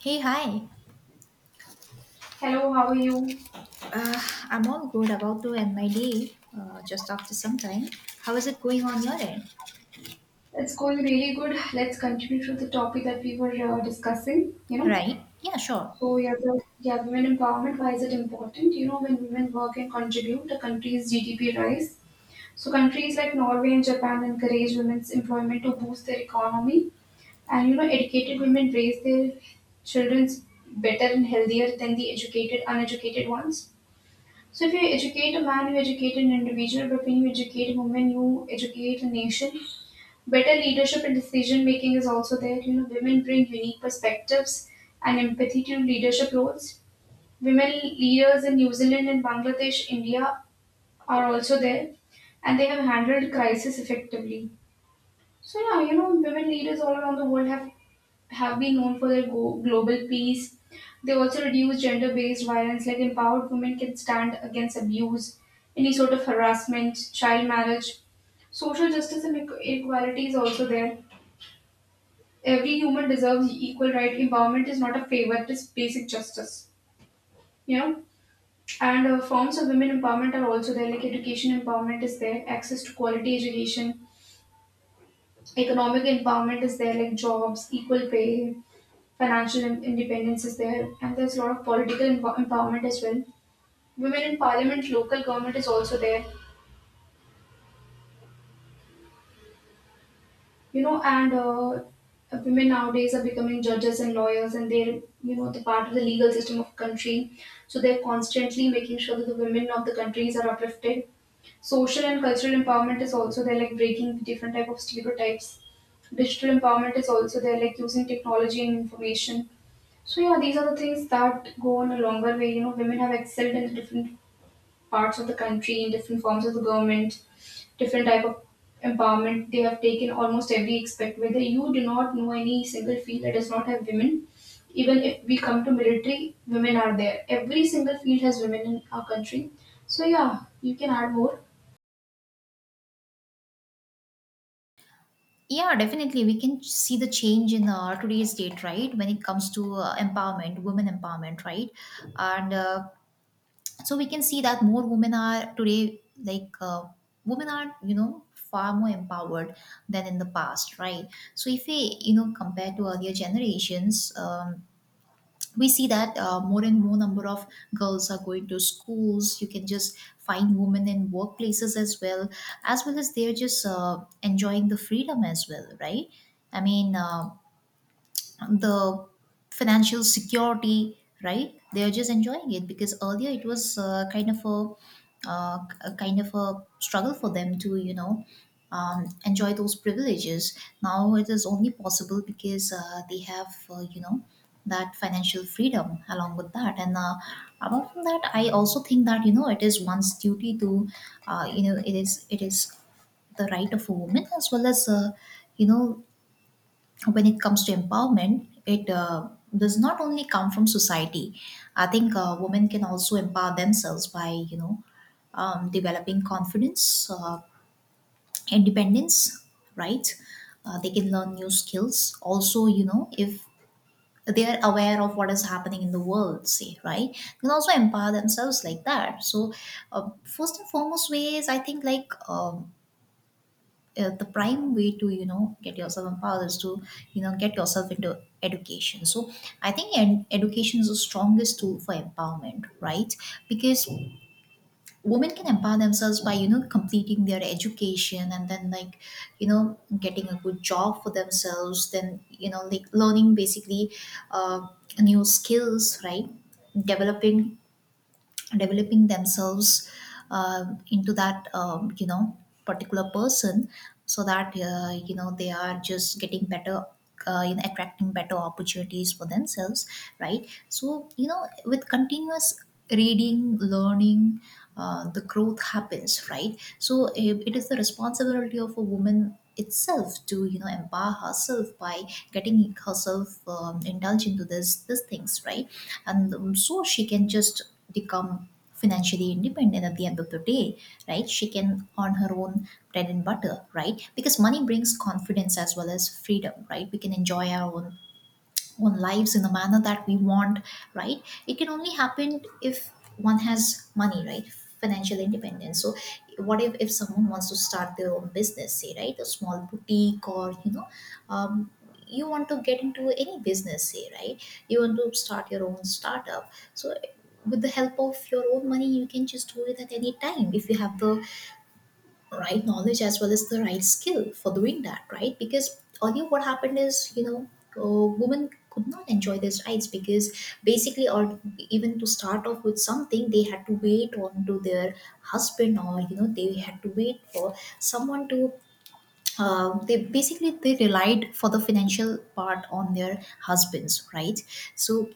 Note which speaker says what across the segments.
Speaker 1: Hey, hi.
Speaker 2: Hello, how are you?
Speaker 1: Uh, I'm all good, about to end my day, just after some time. How is it going on your end?
Speaker 2: It's going really good. Let's continue to the topic that we were discussing.
Speaker 1: Right? Yeah, sure.
Speaker 2: Women empowerment. Why is it important? You know, when women work and contribute, the country's GDP rise. So countries like Norway and Japan encourage women's employment to boost their economy, and you know, educated women raise their children's better and healthier than uneducated ones. So if you educate a man, you educate an individual. But when you educate a woman, you educate a nation. Better leadership and decision making is also there. You know, women bring unique perspectives and empathy to leadership roles. Women leaders in New Zealand and Bangladesh, India are also there, and they have handled crisis effectively. So yeah, you know, women leaders all around the world have been known for their global peace. They also reduce gender-based violence, like empowered women can stand against abuse, any sort of harassment, child marriage. Social justice and equality is also there. Every human deserves equal right. Empowerment is not a favor; it is basic justice. You know, and forms of women empowerment are also there. Like education empowerment is there, access to quality education, economic empowerment is there, like jobs, equal pay, financial independence is there, and there's a lot of political empowerment as well. Women in parliament, local government is also there. You know, and women nowadays are becoming judges and lawyers, and they're, you know, the part of the legal system of country. So they're constantly making sure that the women of the countries are uplifted. Social and cultural empowerment is also there, like breaking different type of stereotypes. Digital empowerment is also there, like using technology and information. So yeah, these are the things that go on a longer way. You know, women have excelled in different parts of the country in different forms of the government, different type of empowerment. They have taken almost every aspect. Whether you do not know any single field that does not have women, even if we come to military, women are there. Every single field has women in our country. So yeah, you can add more.
Speaker 1: Yeah, definitely. We can see the change in today's date, right? When it comes to empowerment, women empowerment, right? And so we can see that more women are today, women are, you know, far more empowered than in the past, right? So if we, you know, compare to earlier generations, we see that more and more number of girls are going to schools. You can just find women in workplaces as well, as well as they're just enjoying the freedom as well, right? I mean, the financial security, right? They are just enjoying it because earlier it was, kind of a, uh, a kind of a struggle for them to, you know, enjoy those privileges. Now it is only possible because they have, you know, that financial freedom along with that. And apart from that, I also think that, you know, it is one's duty to, you know, it is the right of a woman, as well as, you know, when it comes to empowerment, it does not only come from society. I think women can also empower themselves by, you know, developing confidence, independence, right? They can learn new skills. Also, you know, if they are aware of what is happening in the world, say, right? They can also empower themselves like that. So, first and foremost, ways I think, the prime way to, you know, get yourself empowered is to, you know, get yourself into education. So I think, and education is the strongest tool for empowerment, right? Because women can empower themselves by, you know, completing their education and then, like, you know, getting a good job for themselves, then, you know, like learning, basically, uh, new skills, right? Developing developing themselves uh, into that, you know, particular person, so that, you know, they are just getting better, you know, attracting better opportunities for themselves, right? So you know, with continuous reading, learning, the growth happens, right? So it is the responsibility of a woman itself to, you know, empower herself by getting herself, indulged into this these things, right? And, so she can just become financially independent at the end of the day, right? She can earn her own bread and butter, right? Because money brings confidence as well as freedom, right? We can enjoy our own lives in the manner that we want, right? It can only happen if one has money, right? Financial independence. So what if someone wants to start their own business, say, right? A small boutique, or, you know, um, you want to get into any business, say, right? You want to start your own startup. So with the help of your own money, you can just do it at any time if you have the right knowledge as well as the right skill for doing that, right? Because earlier what happened is, you know, women could not enjoy these rights because, basically, or even to start off with something, they had to wait on to their husband, or, you know, they had to wait for someone to. They basically, they relied for the financial part on their husbands, right? So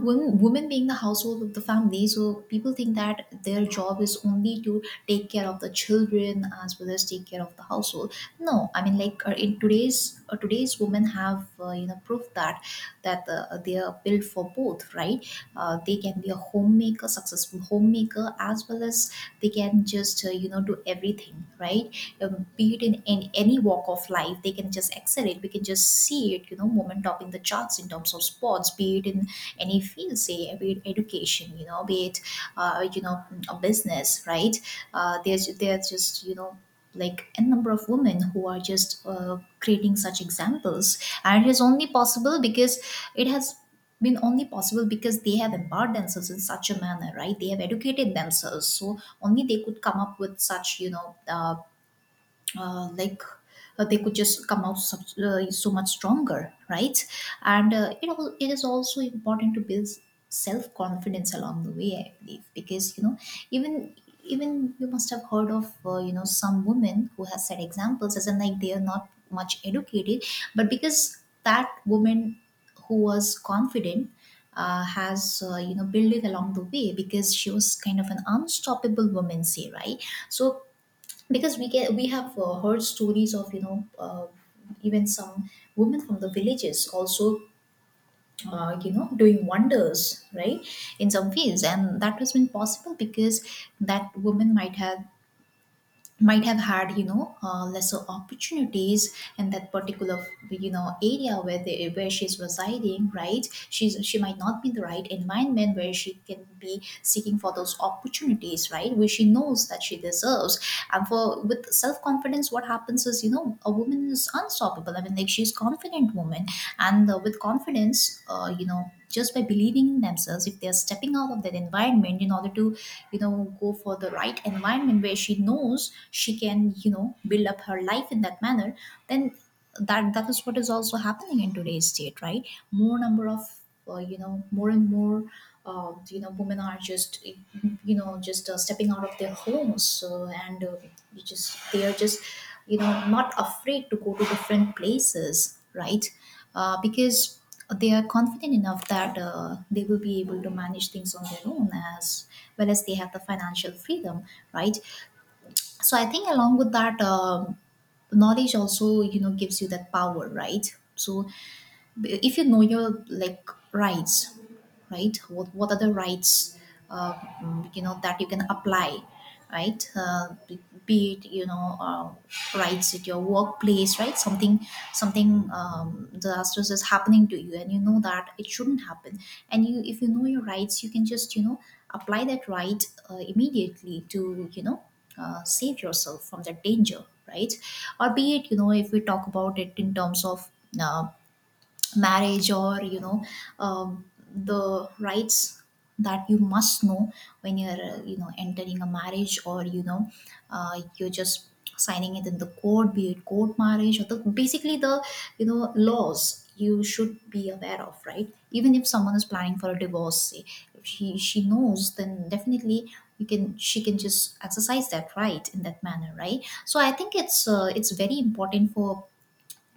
Speaker 1: women, being the household of the family, so people think that their job is only to take care of the children as well as take care of the household. No, I mean, like, in today's today's women have, you know, proof that they are built for both, right? Uh, they can be a homemaker, successful homemaker, as well as they can just, you know, do everything, right? Um, be it in any walk of life, they can just excel it. We can just see it, you know, women topping the charts in terms of sports, be it in any field, say, be it education, you know, be it, you know, a business, right? There's just, you know, like a number of women who are just, creating such examples. And it is only possible because it has been only possible because they have empowered themselves in such a manner, right? They have educated themselves, so only they could come up with such, you know uh, like they could just come out so, so much stronger, right? And it is also important to build self confidence along the way, I believe, because, you know, even even you must have heard of, you know, some women who has set examples, as in, like, they are not much educated, but because that woman, who was confident, has, you know, built it along the way because she was kind of an unstoppable woman, say, right? So because we have, heard stories of, you know, even some women from the villages also, you know, doing wonders, right? In some fields. And that has been possible because that woman might have had, you know, lesser opportunities in that particular, you know, area where they where she's residing, right? She might not be in the right environment where she can be seeking for those opportunities, right? Where she knows that she deserves. And for with self-confidence what happens is, you know, a woman is unstoppable. I mean, like, she's confident woman. And, with confidence, you know, just by believing in themselves, if they're stepping out of that environment in order to, you know, go for the right environment, where she knows she can, you know, build up her life in that manner, then that is what is also happening in today's state, right? More number of, you know, more and more, you know, women are just, you know, just, stepping out of their homes. So, and, you just they are just, you know, not afraid to go to different places, right? Uh, because they are confident enough that, they will be able to manage things on their own, as well as they have the financial freedom, right? So I think along with that, knowledge also, you know, gives you that power, right? So if you know your, like, rights, right? What are the rights, you know, that you can apply, right? Be it you know, rights at your workplace, right? Something, disastrous is happening to you and you know that it shouldn't happen. And you, if you know your rights, you can just, you know, apply that right, immediately, to you know, save yourself from that danger, right? Or be it, you know, if we talk about it in terms of, uh, marriage, or you know, the rights that you must know when you're, you know, entering a marriage, or you know, you're just signing it in the court, be it court marriage, or the basically the, you know, laws you should be aware of, right? Even if someone is planning for a divorce, say, if she knows, then definitely you can she can just exercise that right in that manner, right? So I think it's, it's very important for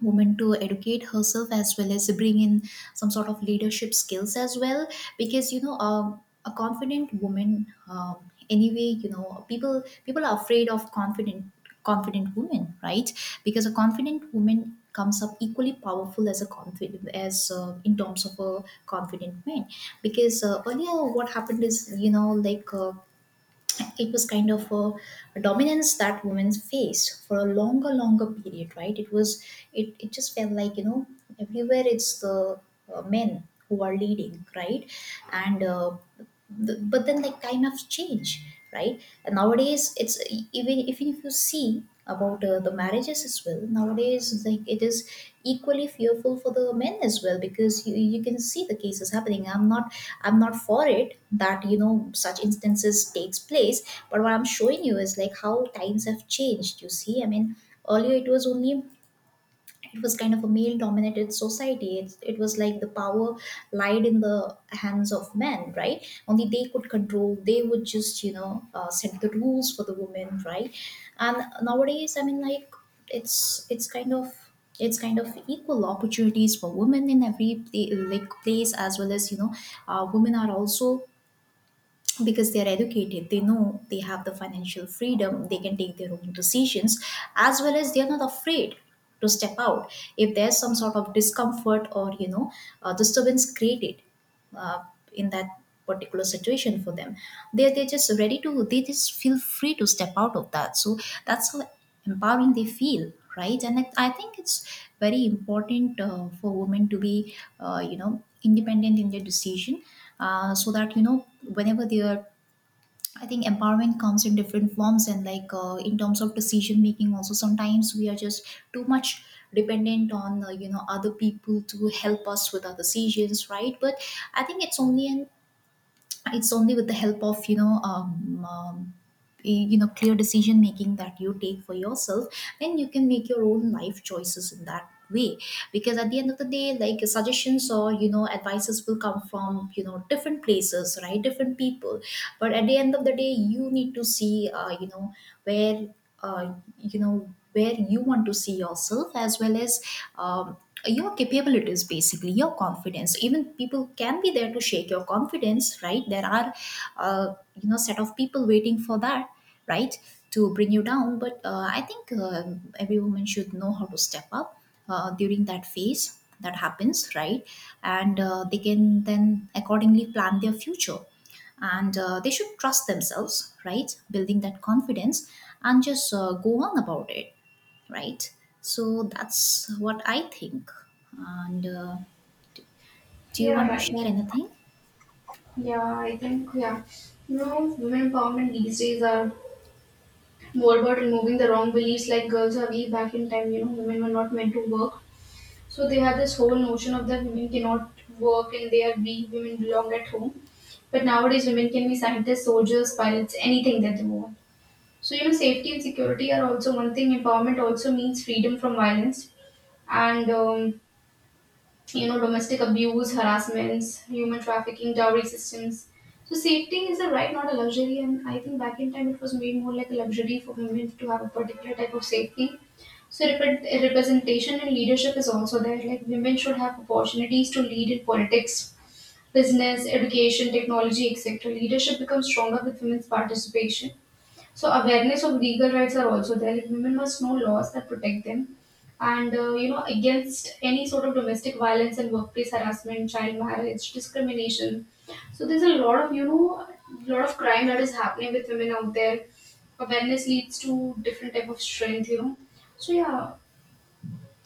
Speaker 1: woman to educate herself as well as bring in some sort of leadership skills as well. Because you know, a confident woman, anyway, you know, people are afraid of confident women, right? Because a confident woman comes up equally powerful as a confident, as in terms of a confident man. Because earlier what happened is, you know, like, it was kind of a dominance that women faced for a longer period, right? It was, it just felt like, you know, everywhere it's the, men who are leading, right? and uh, but then, like, time has changed, right? And nowadays it's, even if you see about, the marriages as well nowadays, like, it is equally fearful for the men as well, because you can see the cases happening. I'm not for it, that you know such instances takes place. But what I'm showing you is, like, how times have changed, you see. I mean, earlier it was only, it was kind of a male dominated society. It was like the power lied in the hands of men, right? Only they could control. They would just, you know, set the rules for the women, right? And nowadays I mean, like, it's it's kind of it's kind of equal opportunities for women in every like place, as well as you know Women are also, because they are educated, they know, they have the financial freedom, they can take their own decisions, as well as they are not afraid to step out if there's some sort of discomfort or disturbance created uh, in that particular situation for them. They they just feel free to step out of that. So that's how empowering they feel, right? And I think it's very important, for women to be, independent in their decision, so that whenever they are. I think empowerment comes in different forms, and, in terms of decision making, also sometimes we are just too much dependent on, other people to help us with our decisions, right? But I think it's only with the help of, clear decision making that you take for yourself, and you can make your own life choices in that way. Because at the end of the day, like, suggestions or, advices will come from, different places, right, different people. But at the end of the day, you need to see, where where you want to see yourself, as well as, um, your capabilities, basically your confidence. Even people can be there to shake your confidence, right? There are, uh, set of people waiting for that, right, to bring you down. But I think, every woman should know how to step up, during that phase that happens, right? And they can then accordingly plan their future. And they should trust themselves, right, building that confidence, and just go on about it, right? So that's what I think. And, do you
Speaker 2: Yeah,
Speaker 1: want to
Speaker 2: right.
Speaker 1: share anything?
Speaker 2: Yeah, I think yeah. You know, women empowerment these days are more about removing the wrong beliefs like girls are weak. Back in time, you know, women were not meant to work. So they had this whole notion of that women cannot work and they are weak, women belong at home. But nowadays, women can be scientists, soldiers, pilots, anything that they want. So, you know, safety and security are also one thing. Empowerment also means freedom from violence and, you know, domestic abuse, harassments, human trafficking, dowry systems. So, safety is a right, not a luxury. And I think back in time, it was made more like a luxury for women to have a particular type of safety. So representation and leadership is also there. Like women should have opportunities to lead in politics, business, education, technology, etc. Leadership becomes stronger with women's participation. So awareness of legal rights are also there. Like women must know laws that protect them, and you know, against any sort of domestic violence and workplace harassment, child marriage, discrimination. So there's a lot of, you know, lot of crime that is happening with women out there. Awareness leads to different type of strength. You know. So yeah,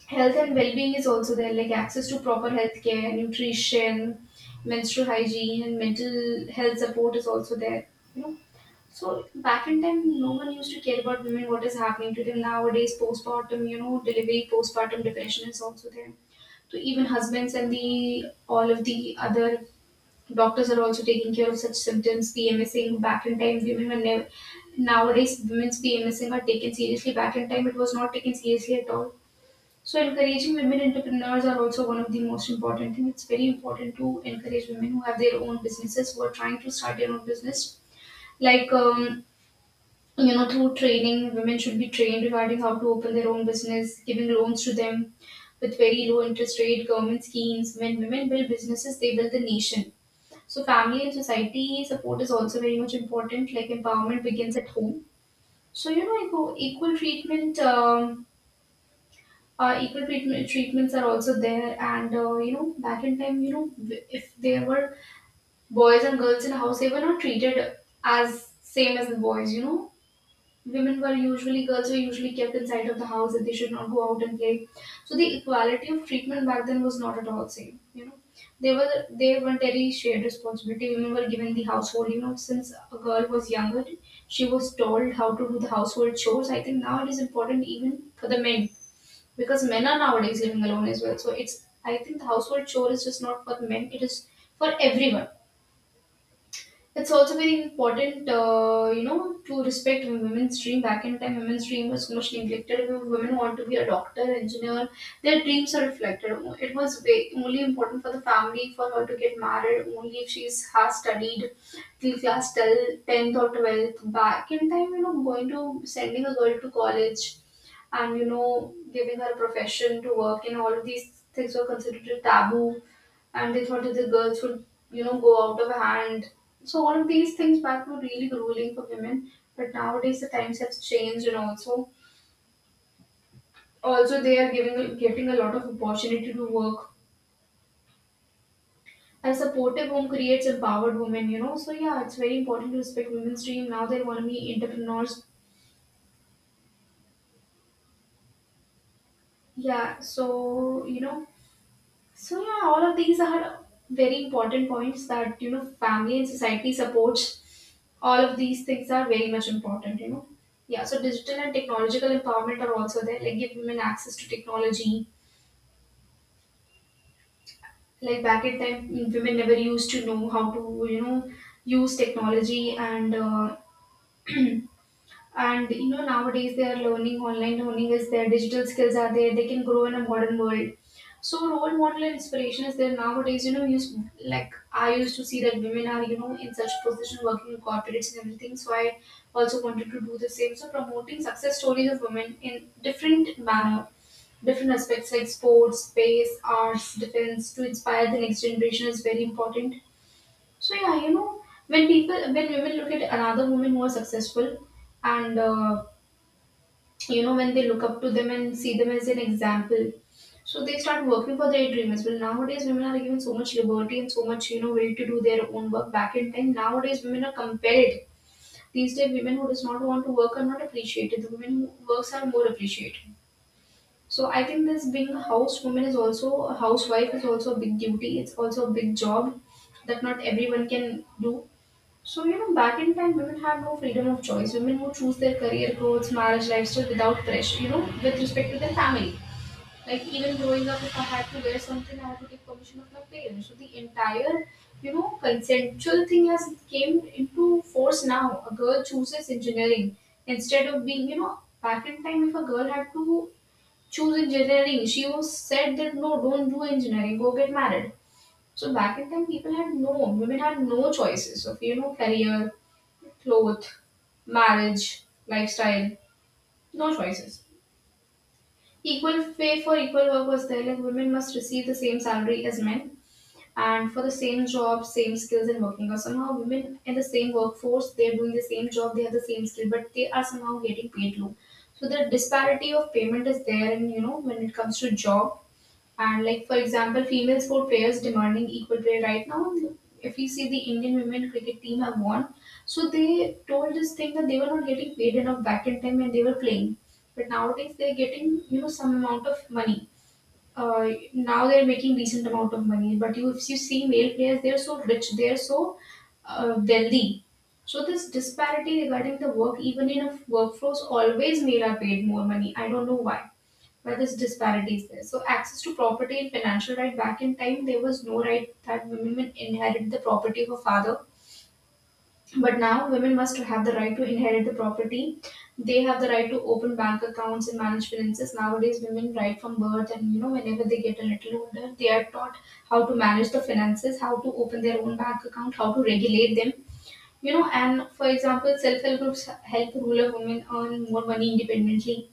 Speaker 2: health and well-being is also there, like access to proper health care, nutrition, menstrual hygiene, and mental health support is also there, you know. So back in time, no one used to care about women, what is happening to them. Nowadays postpartum, you know, delivery postpartum depression is also there. So even husbands and the all of the other doctors are also taking care of such symptoms. Pmsing, back in time women were never, nowadays women's pmsing are taken seriously. Back in time, it was not taken seriously at all. So encouraging women entrepreneurs are also one of the most important thing. It's very important to encourage women who have their own businesses, who are trying to start their own business. Like you know, through training, women should be trained regarding how to open their own business, giving loans to them with very low interest rate, government schemes. When women build businesses, they build the nation. So family and society support is also very much important. Like empowerment begins at home. So you know, equal treatment. Equal treatments are also there, and you know, back in time, you know, if there were boys and girls in a house, they were not treated as same as the boys. You know, women were usually girls were usually kept inside of the house, that they should not go out and play. So the equality of treatment back then was not at all same, you know. They were, they weren't any shared responsibility. Women were given the household, you know. Since a girl was younger, she was told how to do the household chores. I think now it is important even for the men, because men are nowadays living alone as well. So it's, I think the household chore is just not for the men; it is for everyone. It's also very important, you know, to respect women's dream. Back in time, women's dream was so much neglected. If women want to be a doctor, engineer, their dreams are reflected. Oh, it was only important for the family for her to get married, only if she's has studied till class 10th or 12th. Back in time, you know, going to sending a girl to college and, you know, giving her a profession to work in, all of these things were considered a taboo, and they thought that the girls would, you know, go out of hand. So all of these things back were really grueling for women. But nowadays the times have changed, and also, they are giving getting a lot of opportunity to work. A supportive home creates empowered women, you know. So yeah, it's very important to respect women's dream. Now they want to be entrepreneurs. Yeah, so you know, so yeah, all of these are very important points, that you know, family and society supports. All of these things are very much important, you know. Yeah, so digital and technological empowerment are also there. Like give women access to technology. Like back in time, women never used to know how to, you know, use technology and and you know, nowadays they are learning. Online learning is there, digital skills are there, they can grow in a modern world. So role model and inspiration is there nowadays. You know, like I used to see that women are, you know, in such position working in corporates and everything. So I also wanted to do the same. So promoting success stories of women in different manner, different aspects like sports, space, arts, defense to inspire the next generation is very important. So yeah, you know, when women look at another woman who are successful, and you know, when they look up to them and see them as an example, so they start working for their dream as well. Nowadays women are given so much liberty and so much, you know, will to do their own work. Back in time, nowadays women are compelled. These days women who does not want to work are not appreciated, the women who works are more appreciated. So I think this being a house woman is also, a housewife is also a big duty, it's also a big job that not everyone can do. So, you know, back in time, women had no freedom of choice. Women would choose their career goals, marriage lifestyle without pressure, you know, with respect to their family. Like, even growing up, if I had to wear something, I had to take permission of my parents. So, the entire, you know, consensual thing has came into force now. A girl chooses engineering instead of being, you know, back in time, if a girl had to choose engineering, she was said that no, don't do engineering, go get married. So back in time, people had no, women had no choices of, you know, career, cloth, marriage, lifestyle, no choices. Equal pay for equal work was there, like women must receive the same salary as men, and for the same job, same skills and working. Or somehow, women in the same workforce, they're doing the same job, they have the same skill, but they are somehow getting paid low. So the disparity of payment is there, and you know, when it comes to job, and like for example, female sport players demanding equal pay right now. If you see the Indian women cricket team have won, so they told this thing that they were not getting paid enough back in time when they were playing. But nowadays they're getting you know some amount of money. Now they're making decent amount of money. But if you see male players, they're so rich, they're so wealthy. So this disparity regarding the work, even in a workforce, always male are paid more money. I don't know why where this disparity is there. So access to property and financial right, back in time there was no right that women would inherit the property of a father. But now women must have the right to inherit the property. They have the right to open bank accounts and manage finances. Nowadays women right from birth and you know whenever they get a little older they are taught how to manage the finances, how to open their own bank account, how to regulate them. You know, and for example, self help groups help rural women earn more money independently,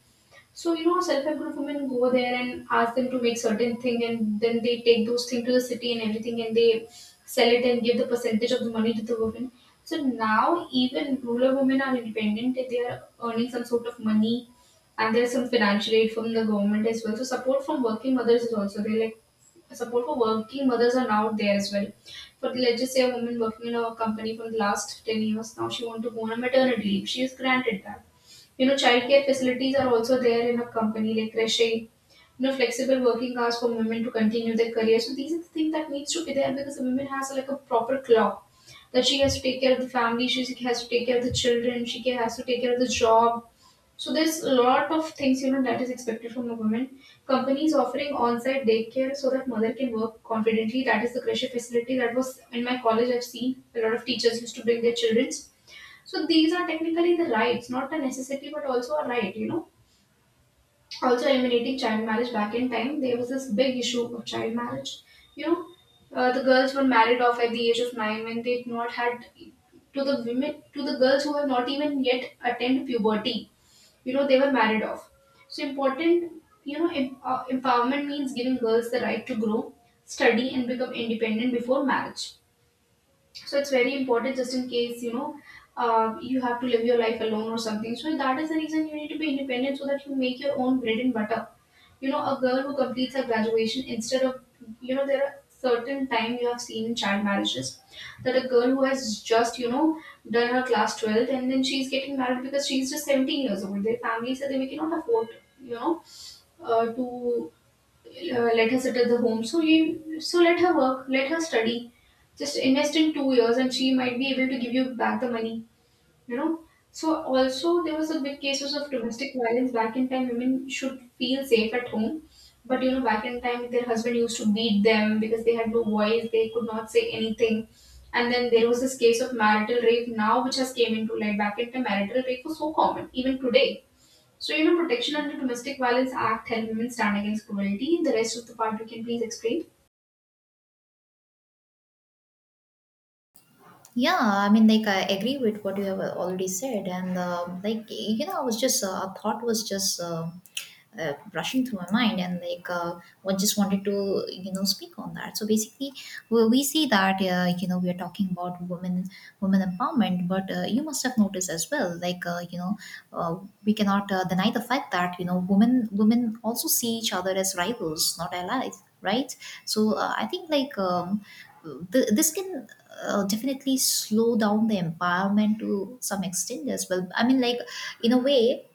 Speaker 2: so, you know, self-help group women go there and ask them to make certain thing and then they take those things to the city and everything and they sell it and give the percentage of the money to the women. So now even rural women are independent, they are earning some sort of money and there's some financial aid from the government as well. So support from working mothers is also there. Like support for working mothers are now there as well. For let's just say a woman working in a company from the last 10 years, now she want to go on a maternity leave. She is granted that, you know, childcare facilities are also there in a company like crochet, you know, flexible working hours for women to continue their career. So these are the things that needs to be there because a woman has like a proper clock that she has to take care of the family, she has to take care of the children, has to take care of the job. So there's a lot of things you know that is expected from a woman. Companies offering on-site daycare so that mother can work confidently. That is the crochet facility that was in my college. I've seen a lot of teachers used to bring their children, so these are technically the rights, not a necessity, but also a right, you know. Also eliminating child marriage, back in time, there was this big issue of child marriage. You know, the girls were married off at the age of nine when they had not had to the women to the girls who have not even yet attained puberty. You know, they were married off. So important, empowerment means giving girls the right to grow, study, and become independent before marriage, so it's very important just in case you know you have to live your life alone or something, so that is the reason you need to be independent so that you make your own bread and butter. You know, a girl who completes her graduation instead of, you know, there are certain time you have seen in child marriages that a girl who has just you know done her class 12th and then she's getting married because she's just 17 years old, their family said they cannot afford, you know to let her sit at the home. So let her work, let her study. Just invest in 2 years, and she might be able to give you back the money. You know. So also there was a big cases of domestic violence back in time. Women should feel safe at home, but you know back in time their husband used to beat them because they had no voice, they could not say anything. And then there was this case of marital rape now, which has came into light. Back in time, marital rape was so common even today, so, you know, protection under Domestic Violence Act help women stand against cruelty. The rest of the part you can please explain.
Speaker 1: Yeah, I mean, like, I agree with what you have already said, and, like, I was just. A thought was just rushing through my mind, and, like, I just wanted to, speak on that. So basically, we see that, we are talking about women empowerment. But you must have noticed as well, like, uh, we cannot deny the fact that, women also see each other as rivals, not allies, right? So I think, like. This can definitely slow down the environment to some extent as well, I mean, like, in a way.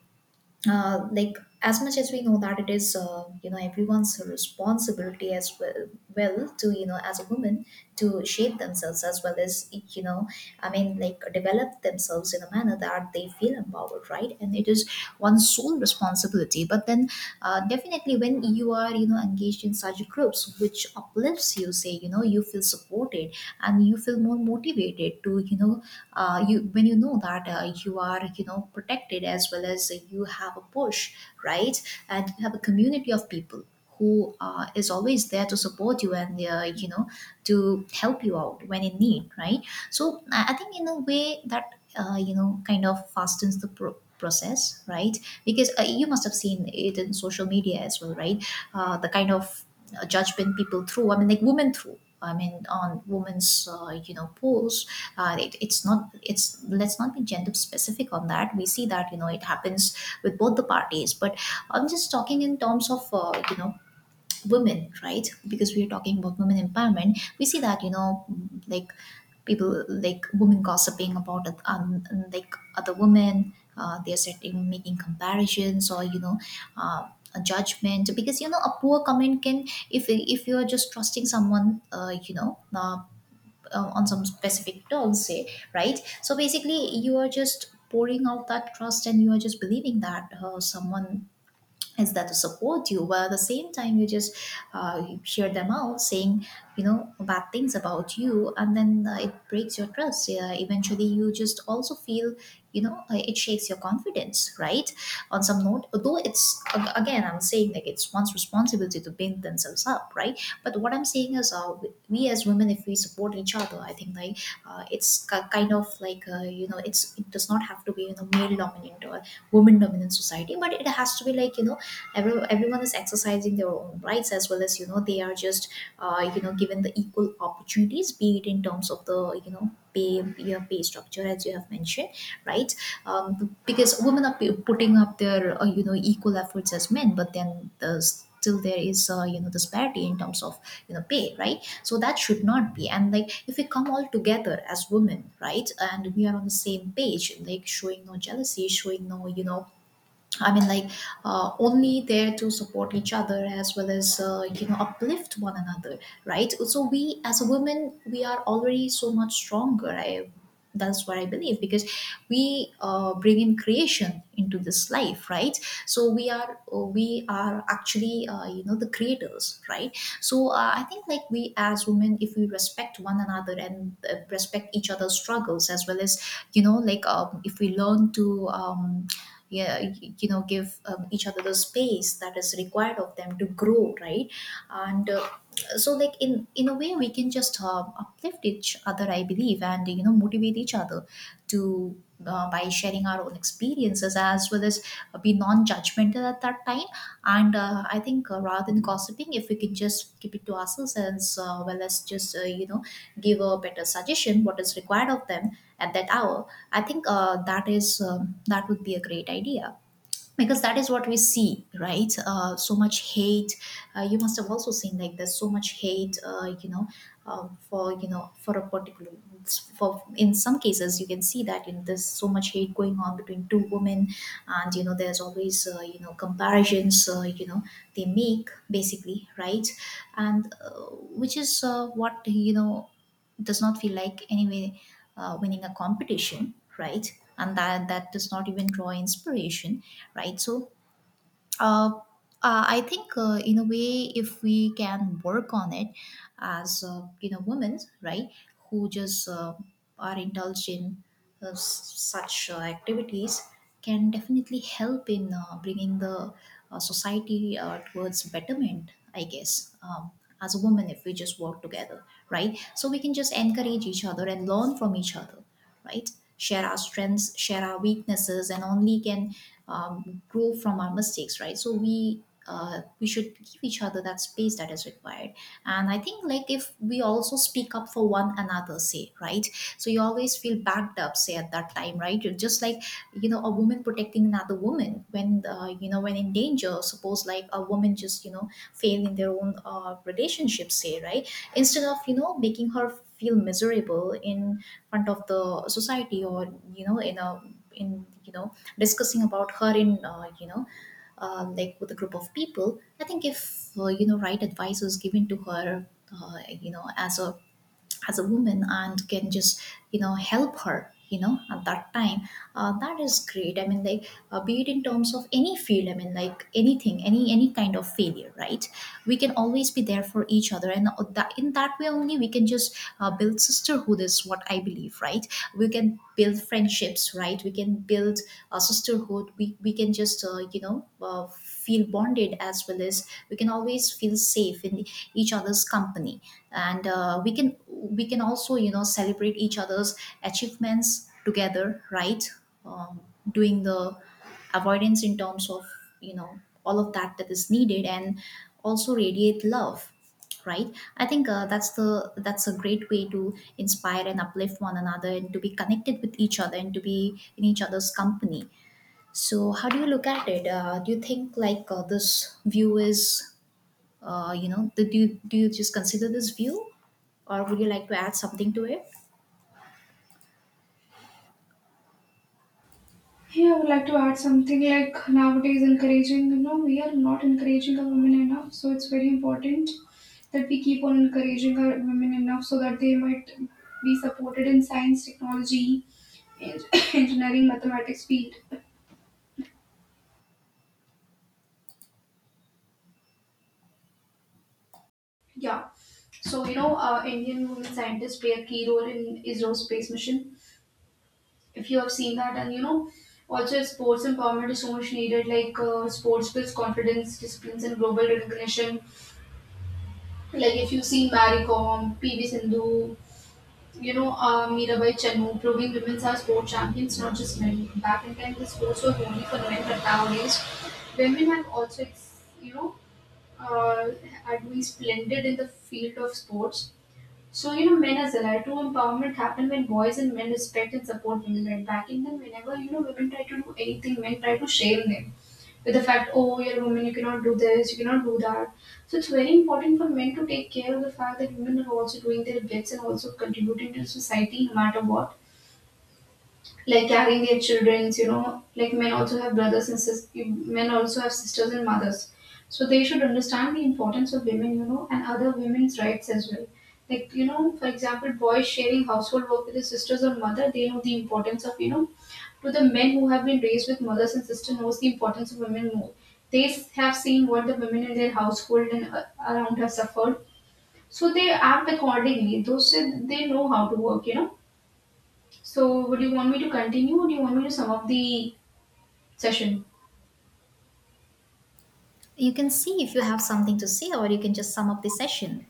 Speaker 1: Like, as much as we know that it is, everyone's responsibility, as well, well, to, as a woman, to shape themselves, as well as, you know I mean, like, develop themselves in a manner that they feel empowered, right? And it is one's sole responsibility. But then, definitely when you are, engaged in such groups which uplifts you, say, you feel supported, and you feel more motivated to, you know you when you know that you are, protected, as well as you have a push, right? And you have a community of people who is always there to support you, and, to help you out when in need, right? So I think, in a way, that kind of fastens the process, right? Because you must have seen it in social media as well, right? The kind of judgment people throw. I mean, like, women throw. I mean, on women's, polls, it, it's not it's let's not be gender specific on that. We see that, it happens with both the parties. But I'm just talking in terms of, women, right? Because we are talking about women empowerment, we see that, like, people, like, women gossiping about, like, other women, they're setting making comparisons or, uh, a judgment. Because, a poor comment can, if you're just trusting someone, on some specific terms, say, right? So basically, you are just pouring out that trust, and you are just believing that someone is there to support you. But at the same time, you just hear them out saying, bad things about you, and then it breaks your trust. Yeah, eventually you just also feel, it shakes your confidence, right, on some note. Although it's again, I'm saying, like, it's one's responsibility to build themselves up, right? But what I'm saying is, we as women, if we support each other, I think, like, it's kind of like, it's, it does not have to be in a male dominant or woman dominant society, but it has to be, like, everyone is exercising their own rights, as well as, they are just, given the equal opportunities, be it in terms of the, pay, your pay structure as you have mentioned, right? Because women are putting up their, equal efforts as men. But then, the still there is, disparity in terms of, pay, right? So that should not be. And, like, if we come all together as women, right, and we are on the same page, like showing no jealousy, showing no, I mean, like, only there to support each other, as well as, uplift one another, right? So we, as a women, we are already so much stronger. I That's what I believe, because we bring in creation into this life, right? So we are actually, the creators, right? So I think, like, we as women, if we respect one another, and respect each other's struggles, as well as, like, if we learn to, yeah, give, each other the space that is required of them to grow, right. And so, like, in a way, we can just uplift each other, I believe, and, motivate each other, to by sharing our own experiences, as well as be non-judgmental at that time. And I think, rather than gossiping, if we can just keep it to ourselves, as, well, as just, give a better suggestion, what is required of them at that hour. I think, that would be a great idea. Because that is what we see, right? So much hate. You must have also seen, like, there's so much hate, for you know for a particular for in some cases you can see that, in there's so much hate going on between two women. And, there's always, comparisons, they make basically, right? And which is, what, does not feel like, anyway, winning a competition, right? And that does not even draw inspiration, right? So, uh, I think, in a way, if we can work on it as, women, right, who just, are indulged in, such activities, can definitely help in, bringing the, society, towards betterment. I guess as a woman, if we just work together, right, so we can just encourage each other and learn from each other, right, share our strengths, share our weaknesses, and only can grow from our mistakes, right, so we should give each other that space that is required. And I think, like, if we also speak up for one another, say, right, so you always feel backed up, say, at that time, right, you're just like, you know, a woman protecting another woman when, you know, when in danger. Suppose like a woman just, you know, fail in their own relationship, say, right, instead of, you know, making her feel miserable in front of the society, or, you know, in a, in, you know, discussing about her in, you know, like with a group of people, I think if, you know, right advice was given to her, you know, as a, as a woman, and can just, you know, help her, you know, at that time, that is great. I mean, like, be it in terms of any field, I mean, like, anything, any kind of failure, right, we can always be there for each other. And that, in that way only we can just build sisterhood, is what I believe, right? We can build friendships, right, we can build a sisterhood. We can just, you know, feel bonded, as well as we can always feel safe in each other's company. And we can also, you know, celebrate each other's achievements together, right? um, Doing the avoidance in terms of, you know, all of that that is needed, and also radiate love, right? I think that's a great way to inspire and uplift one another, and to be connected with each other, and to be in each other's company. So how do you look at it? Do you think like this view is, you know, do you just consider this view, or would you like to add something to it?
Speaker 2: Yeah, I would like to add something like nowadays encouraging, you know, we are not encouraging our women enough. So it's very important that we keep on encouraging our women enough so that they might be supported in science, technology, en- engineering, mathematics field. Yeah. So, you know, Indian women scientists play a key role in ISRO space mission, if you have seen that, and you know also sports empowerment is so much needed, like sports builds confidence, disciplines and global recognition. Like if you've seen Marie Kom, PV Sindhu, you know Mirabai Chanu, proving women are sport champions, not just men. Back in time the sports were only for men, but nowadays women have you know uh, are doing splendid in the field of sports. So, you know, men as allied. True empowerment happen when boys and men respect and support women, right back in then whenever, you know, women try to do anything, men try to shame them with the fact, oh, you're a woman, you cannot do this, you cannot do that. So it's very important for men to take care of the fact that women are also doing their bits and also contributing to society no matter what, like carrying their childrens, you know, like men also have brothers and sisters, men also have sisters and mothers, so they should understand the importance of women, you know, and other women's rights as well. Like you know, for example, boys sharing household work with their sisters or mother, they know the importance of, you know, to the men who have been raised with mothers and sisters knows the importance of women more. They have seen what the women in their household and around have suffered, so they act accordingly, those, they know how to work, you know. So, would you want me to continue or do you want me to sum up the session?
Speaker 1: You can see if you have something to say, or you can just sum up the session.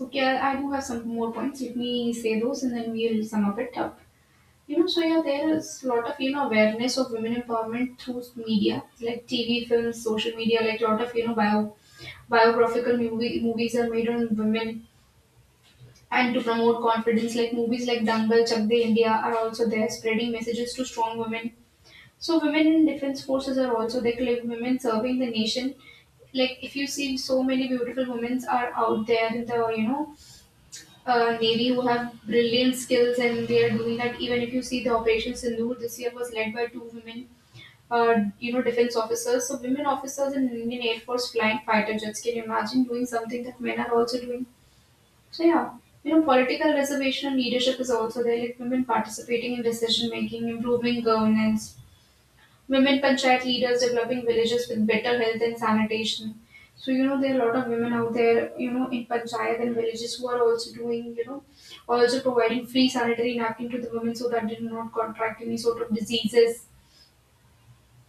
Speaker 2: Okay, I do have some more points. Let me say those and then we'll sum up it up. You know, so yeah, there is a lot of, you know, awareness of women empowerment through media, like TV, films, social media, like a lot of, you know, biographical movies are made on women and to promote confidence, like movies like Dangal, Chak De India are also there spreading messages to strong women. So women in defense forces are also, they claim women serving the nation. Like if you see so many beautiful women are out there in the you know navy who have brilliant skills and they are doing that. Even if you see the Operation Sindhu this year was led by two women, you know defense officers. So women officers in Indian Air Force flying fighter jets. Can you imagine doing something that men are also doing? So yeah. You know, political reservation and leadership is also there, like women participating in decision making, improving governance, women panchayat leaders developing villages with better health and sanitation. So, you know, there are a lot of women out there, you know, in panchayat and villages who are also doing, you know, also providing free sanitary napkin to the women so that they do not contract any sort of diseases.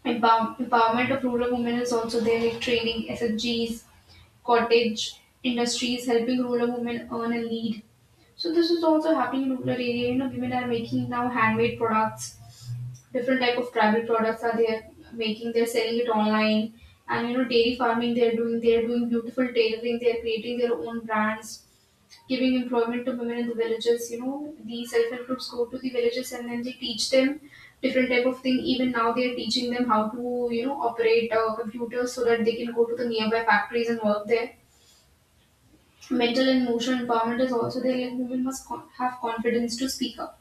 Speaker 2: Empowerment of rural women is also there, like training, SFGs, cottage industries, helping rural women earn and lead. So this is also happening in rural area. You know, women are making now handmade products. Different type of tribal products are there making. They're selling it online, and you know, dairy farming. They're doing. They're doing beautiful tailoring. They're creating their own brands, giving employment to women in the villages. You know, the self-help groups go to the villages and then they teach them different type of thing. Even now, they're teaching them how to you know operate computers so that they can go to the nearby factories and work there. Mental and emotional empowerment is also there. Like women must have confidence to speak up,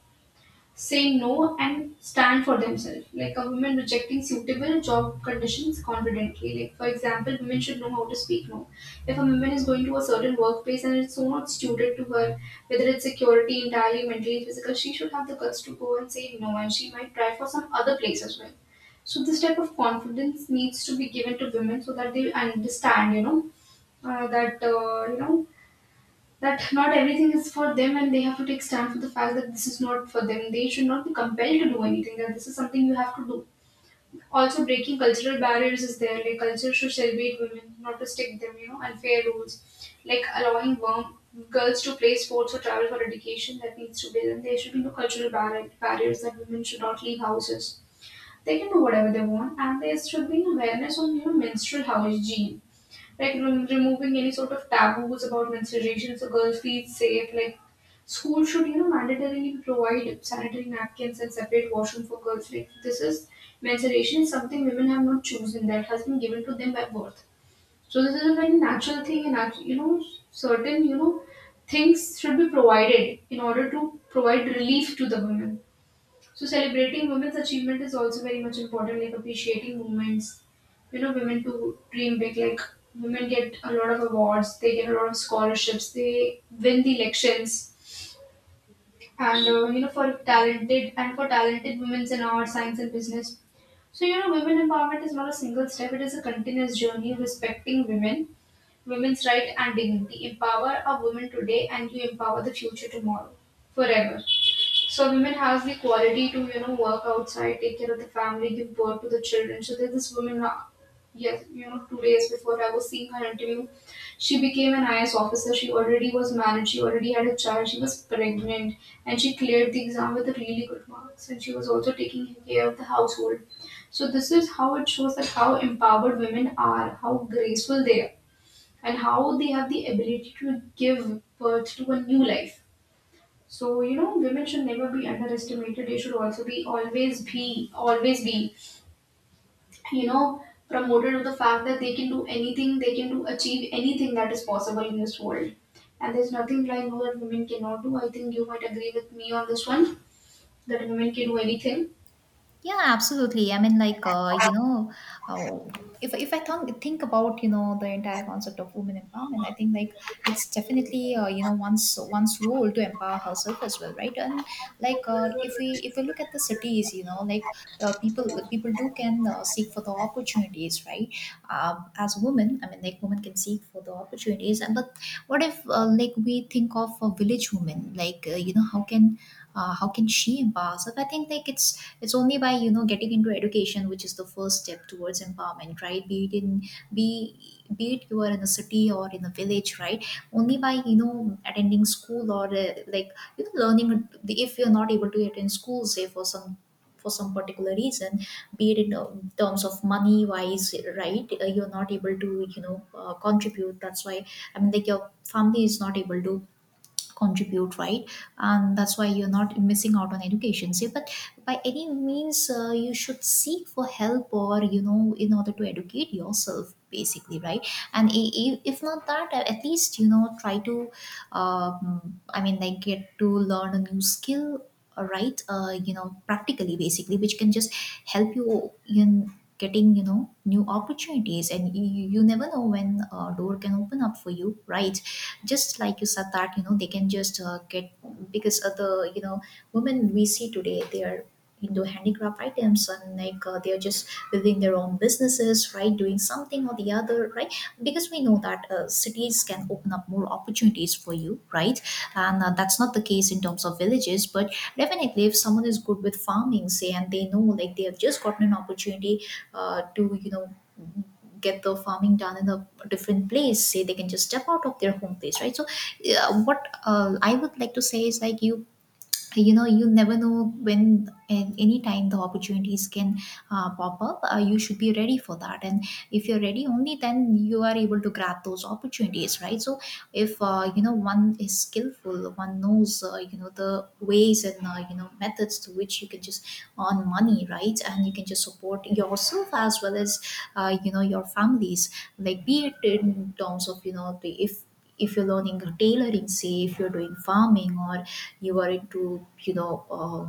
Speaker 2: say no, and stand for themselves. Like a woman rejecting suitable job conditions confidently. Like for example, women should know how to speak no. If a woman is going to a certain workplace and it's so not suited to her, whether it's security, entirely mentally, physical, she should have the guts to go and say no, and she might try for some other place as well. So this type of confidence needs to be given to women so that they understand, you know, that you know that not everything is for them and they have to take stand for the fact that this is not for them, they should not be compelled to do anything that this is something you have to do. Also breaking cultural barriers is there, like culture should celebrate women, not restrict them, you know, unfair rules, like allowing girls to play sports or travel for education, that needs to be done. There should be no cultural barriers that women should not leave houses, they can do whatever they want, and there should be an awareness on you know menstrual hygiene, like removing any sort of taboos about menstruation, so girls feel safe. Like school should you know mandatorily provide sanitary napkins and separate washroom for girls. Like this is, menstruation is something women have not chosen; that has been given to them by birth. So this is a very natural thing, and you know certain you know things should be provided in order to provide relief to the women. So celebrating women's achievement is also very much important, like appreciating women's, you know, women to dream big. Like women get a lot of awards, they get a lot of scholarships, they win the elections, and you know, for talented women in art, science, and business. So you know, women empowerment is not a single step; it is a continuous journey. Respecting women, women's right and dignity. Empower a woman today, and you empower the future tomorrow, forever. So women has the quality to you know work outside, take care of the family, give birth to the children. So that this yes, you know, 2 days before I was seeing her interview, she became an IAS officer. She already was married. She already had a child. She was pregnant, and she cleared the exam with really good marks. And she was also taking care of the household. So this is how it shows that how empowered women are, how graceful they are, and how they have the ability to give birth to a new life. So you know, women should never be underestimated. They should also be always be you know promoted to the fact that they can do anything, they can do achieve anything that is possible in this world. And there's nothing like no that women cannot do. I think you might agree with me on this one that women can do anything.
Speaker 1: Yeah, absolutely. I mean, like, you know, oh, if I think about, you know, the entire concept of women empowerment, I think, like, it's definitely, you know, one's role to empower herself as well, right? And like, if we look at the cities, you know, like, people do can seek for the opportunities, right? As women, I mean, like, women can seek for the opportunities, and but what if, like, we think of a village woman, like, you know, how can, how can she empower herself? I think, like, it's only by, you know, getting into education, which is the first step towards empowerment, right? Be it in, be be it you are in a city or in a village, right, only by, you know, attending school, or like, you know, learning. If you're not able to attend school, say, for some, for some particular reason, be it in terms of money wise, right, you're not able to, you know, contribute, that's why, I mean, like, your family is not able to contribute, right, and that's why you're not missing out on education, see. But by any means, you should seek for help, or, you know, in order to educate yourself, basically, right. And if not that, at least, you know, try to, I mean, like, get to learn a new skill, right, you know, practically, basically, which can just help you in getting, you know, new opportunities. And you never know when a door can open up for you, right, just like you said, that, you know, they can just get, because of the, you know, women we see today, they are into handicraft items, and like, they are just within their own businesses, right, doing something or the other, right, because we know that cities can open up more opportunities for you, right. And that's not the case in terms of villages, but definitely if someone is good with farming, say, and they know, like, they have just gotten an opportunity to, you know, get the farming done in a different place, say, they can just step out of their home place, right. So yeah, what I would like to say is, like, you know, you never know when, and any time the opportunities can pop up, you should be ready for that. And if you're ready, only then you are able to grab those opportunities, right. So if, you know, one is skillful, one knows you know the ways and you know methods to which you can just earn money, right, and you can just support yourself as well as you know your families, like be it in terms of, you know, the, if you're learning tailoring, say, if you're doing farming, or you are into, you know,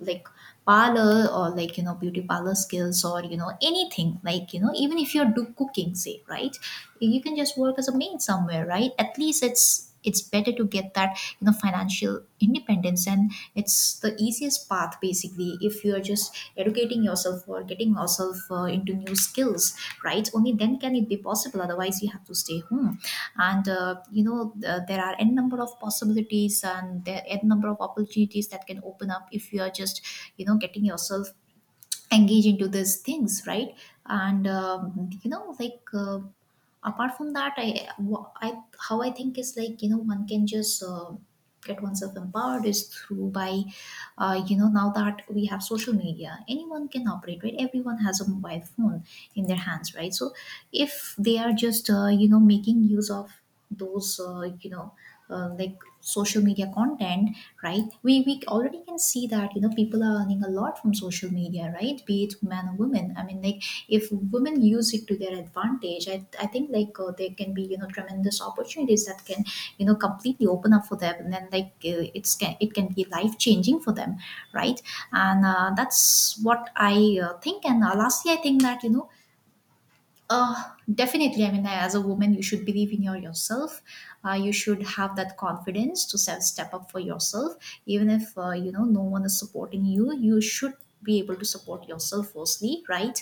Speaker 1: like, parlor, or like, you know, beauty parlor skills, or, you know, anything, like, you know, even if you're do cooking, say, right, you can just work as a maid somewhere, right. At least it's better to get that, you know, financial independence, and it's the easiest path, basically, if you are just educating yourself or getting yourself into new skills, right, only then can it be possible, otherwise you have to stay home. And you know, there are n number of possibilities, and there are n number of opportunities that can open up, if you are just, you know, getting yourself engage into these things, right. And you know, like, apart from that, I, how I think is, like, you know, one can just get oneself empowered is through, by you know, now that we have social media, anyone can operate, right, everyone has a mobile phone in their hands, right. So if they are just you know making use of those you know like social media content, right, we already can see that, you know, people are earning a lot from social media, right, be it men or women, I mean, like, if women use it to their advantage, I think, like, there can be, you know, tremendous opportunities that can, you know, completely open up for them, and then, like, it can be life changing for them, right. And that's what I think. And lastly, I think that, you know, uh, definitely, I mean, as a woman, you should believe in yourself. You should have that confidence to step up for yourself, even if, you know, no one is supporting you. You should be able to support yourself firstly, right?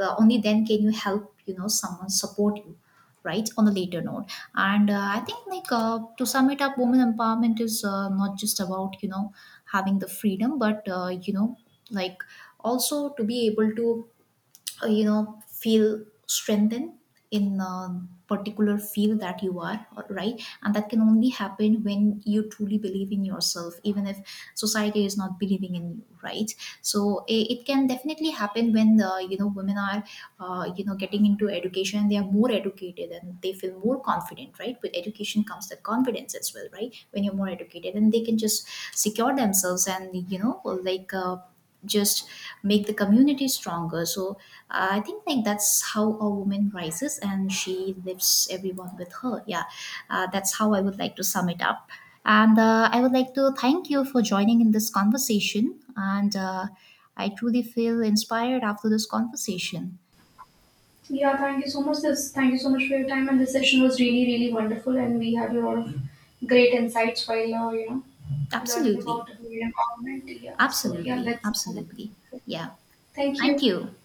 Speaker 1: Only then can you help, you know, someone support you, right, on a later note. And I think, like, to sum it up, women empowerment is, not just about, you know, having the freedom, but, you know, like, also to be able to you know feel strengthened in a particular field that you are, right, and that can only happen when you truly believe in yourself, even if society is not believing in you, right. So it can definitely happen when the, you know, women are you know getting into education, they are more educated, and they feel more confident, right. With education comes the confidence as well, right, when you're more educated, and they can just secure themselves, and, you know, like, just make the community stronger. So I think, like, that's how a woman rises, and she lifts everyone with her. Yeah, that's how I would like to sum it up. And I would like to thank you for joining in this conversation, and I truly feel inspired after this conversation.
Speaker 2: Yeah, thank you so much. This Thank you so much for your time, and this session was really really wonderful, and we had a lot of great insights while you know learning about
Speaker 1: Absolutely.
Speaker 2: women empowerment. Yeah, so yeah,
Speaker 1: Absolutely.
Speaker 2: let's.
Speaker 1: Absolutely. Yeah.
Speaker 2: Thank
Speaker 1: Thank
Speaker 2: you.
Speaker 1: you.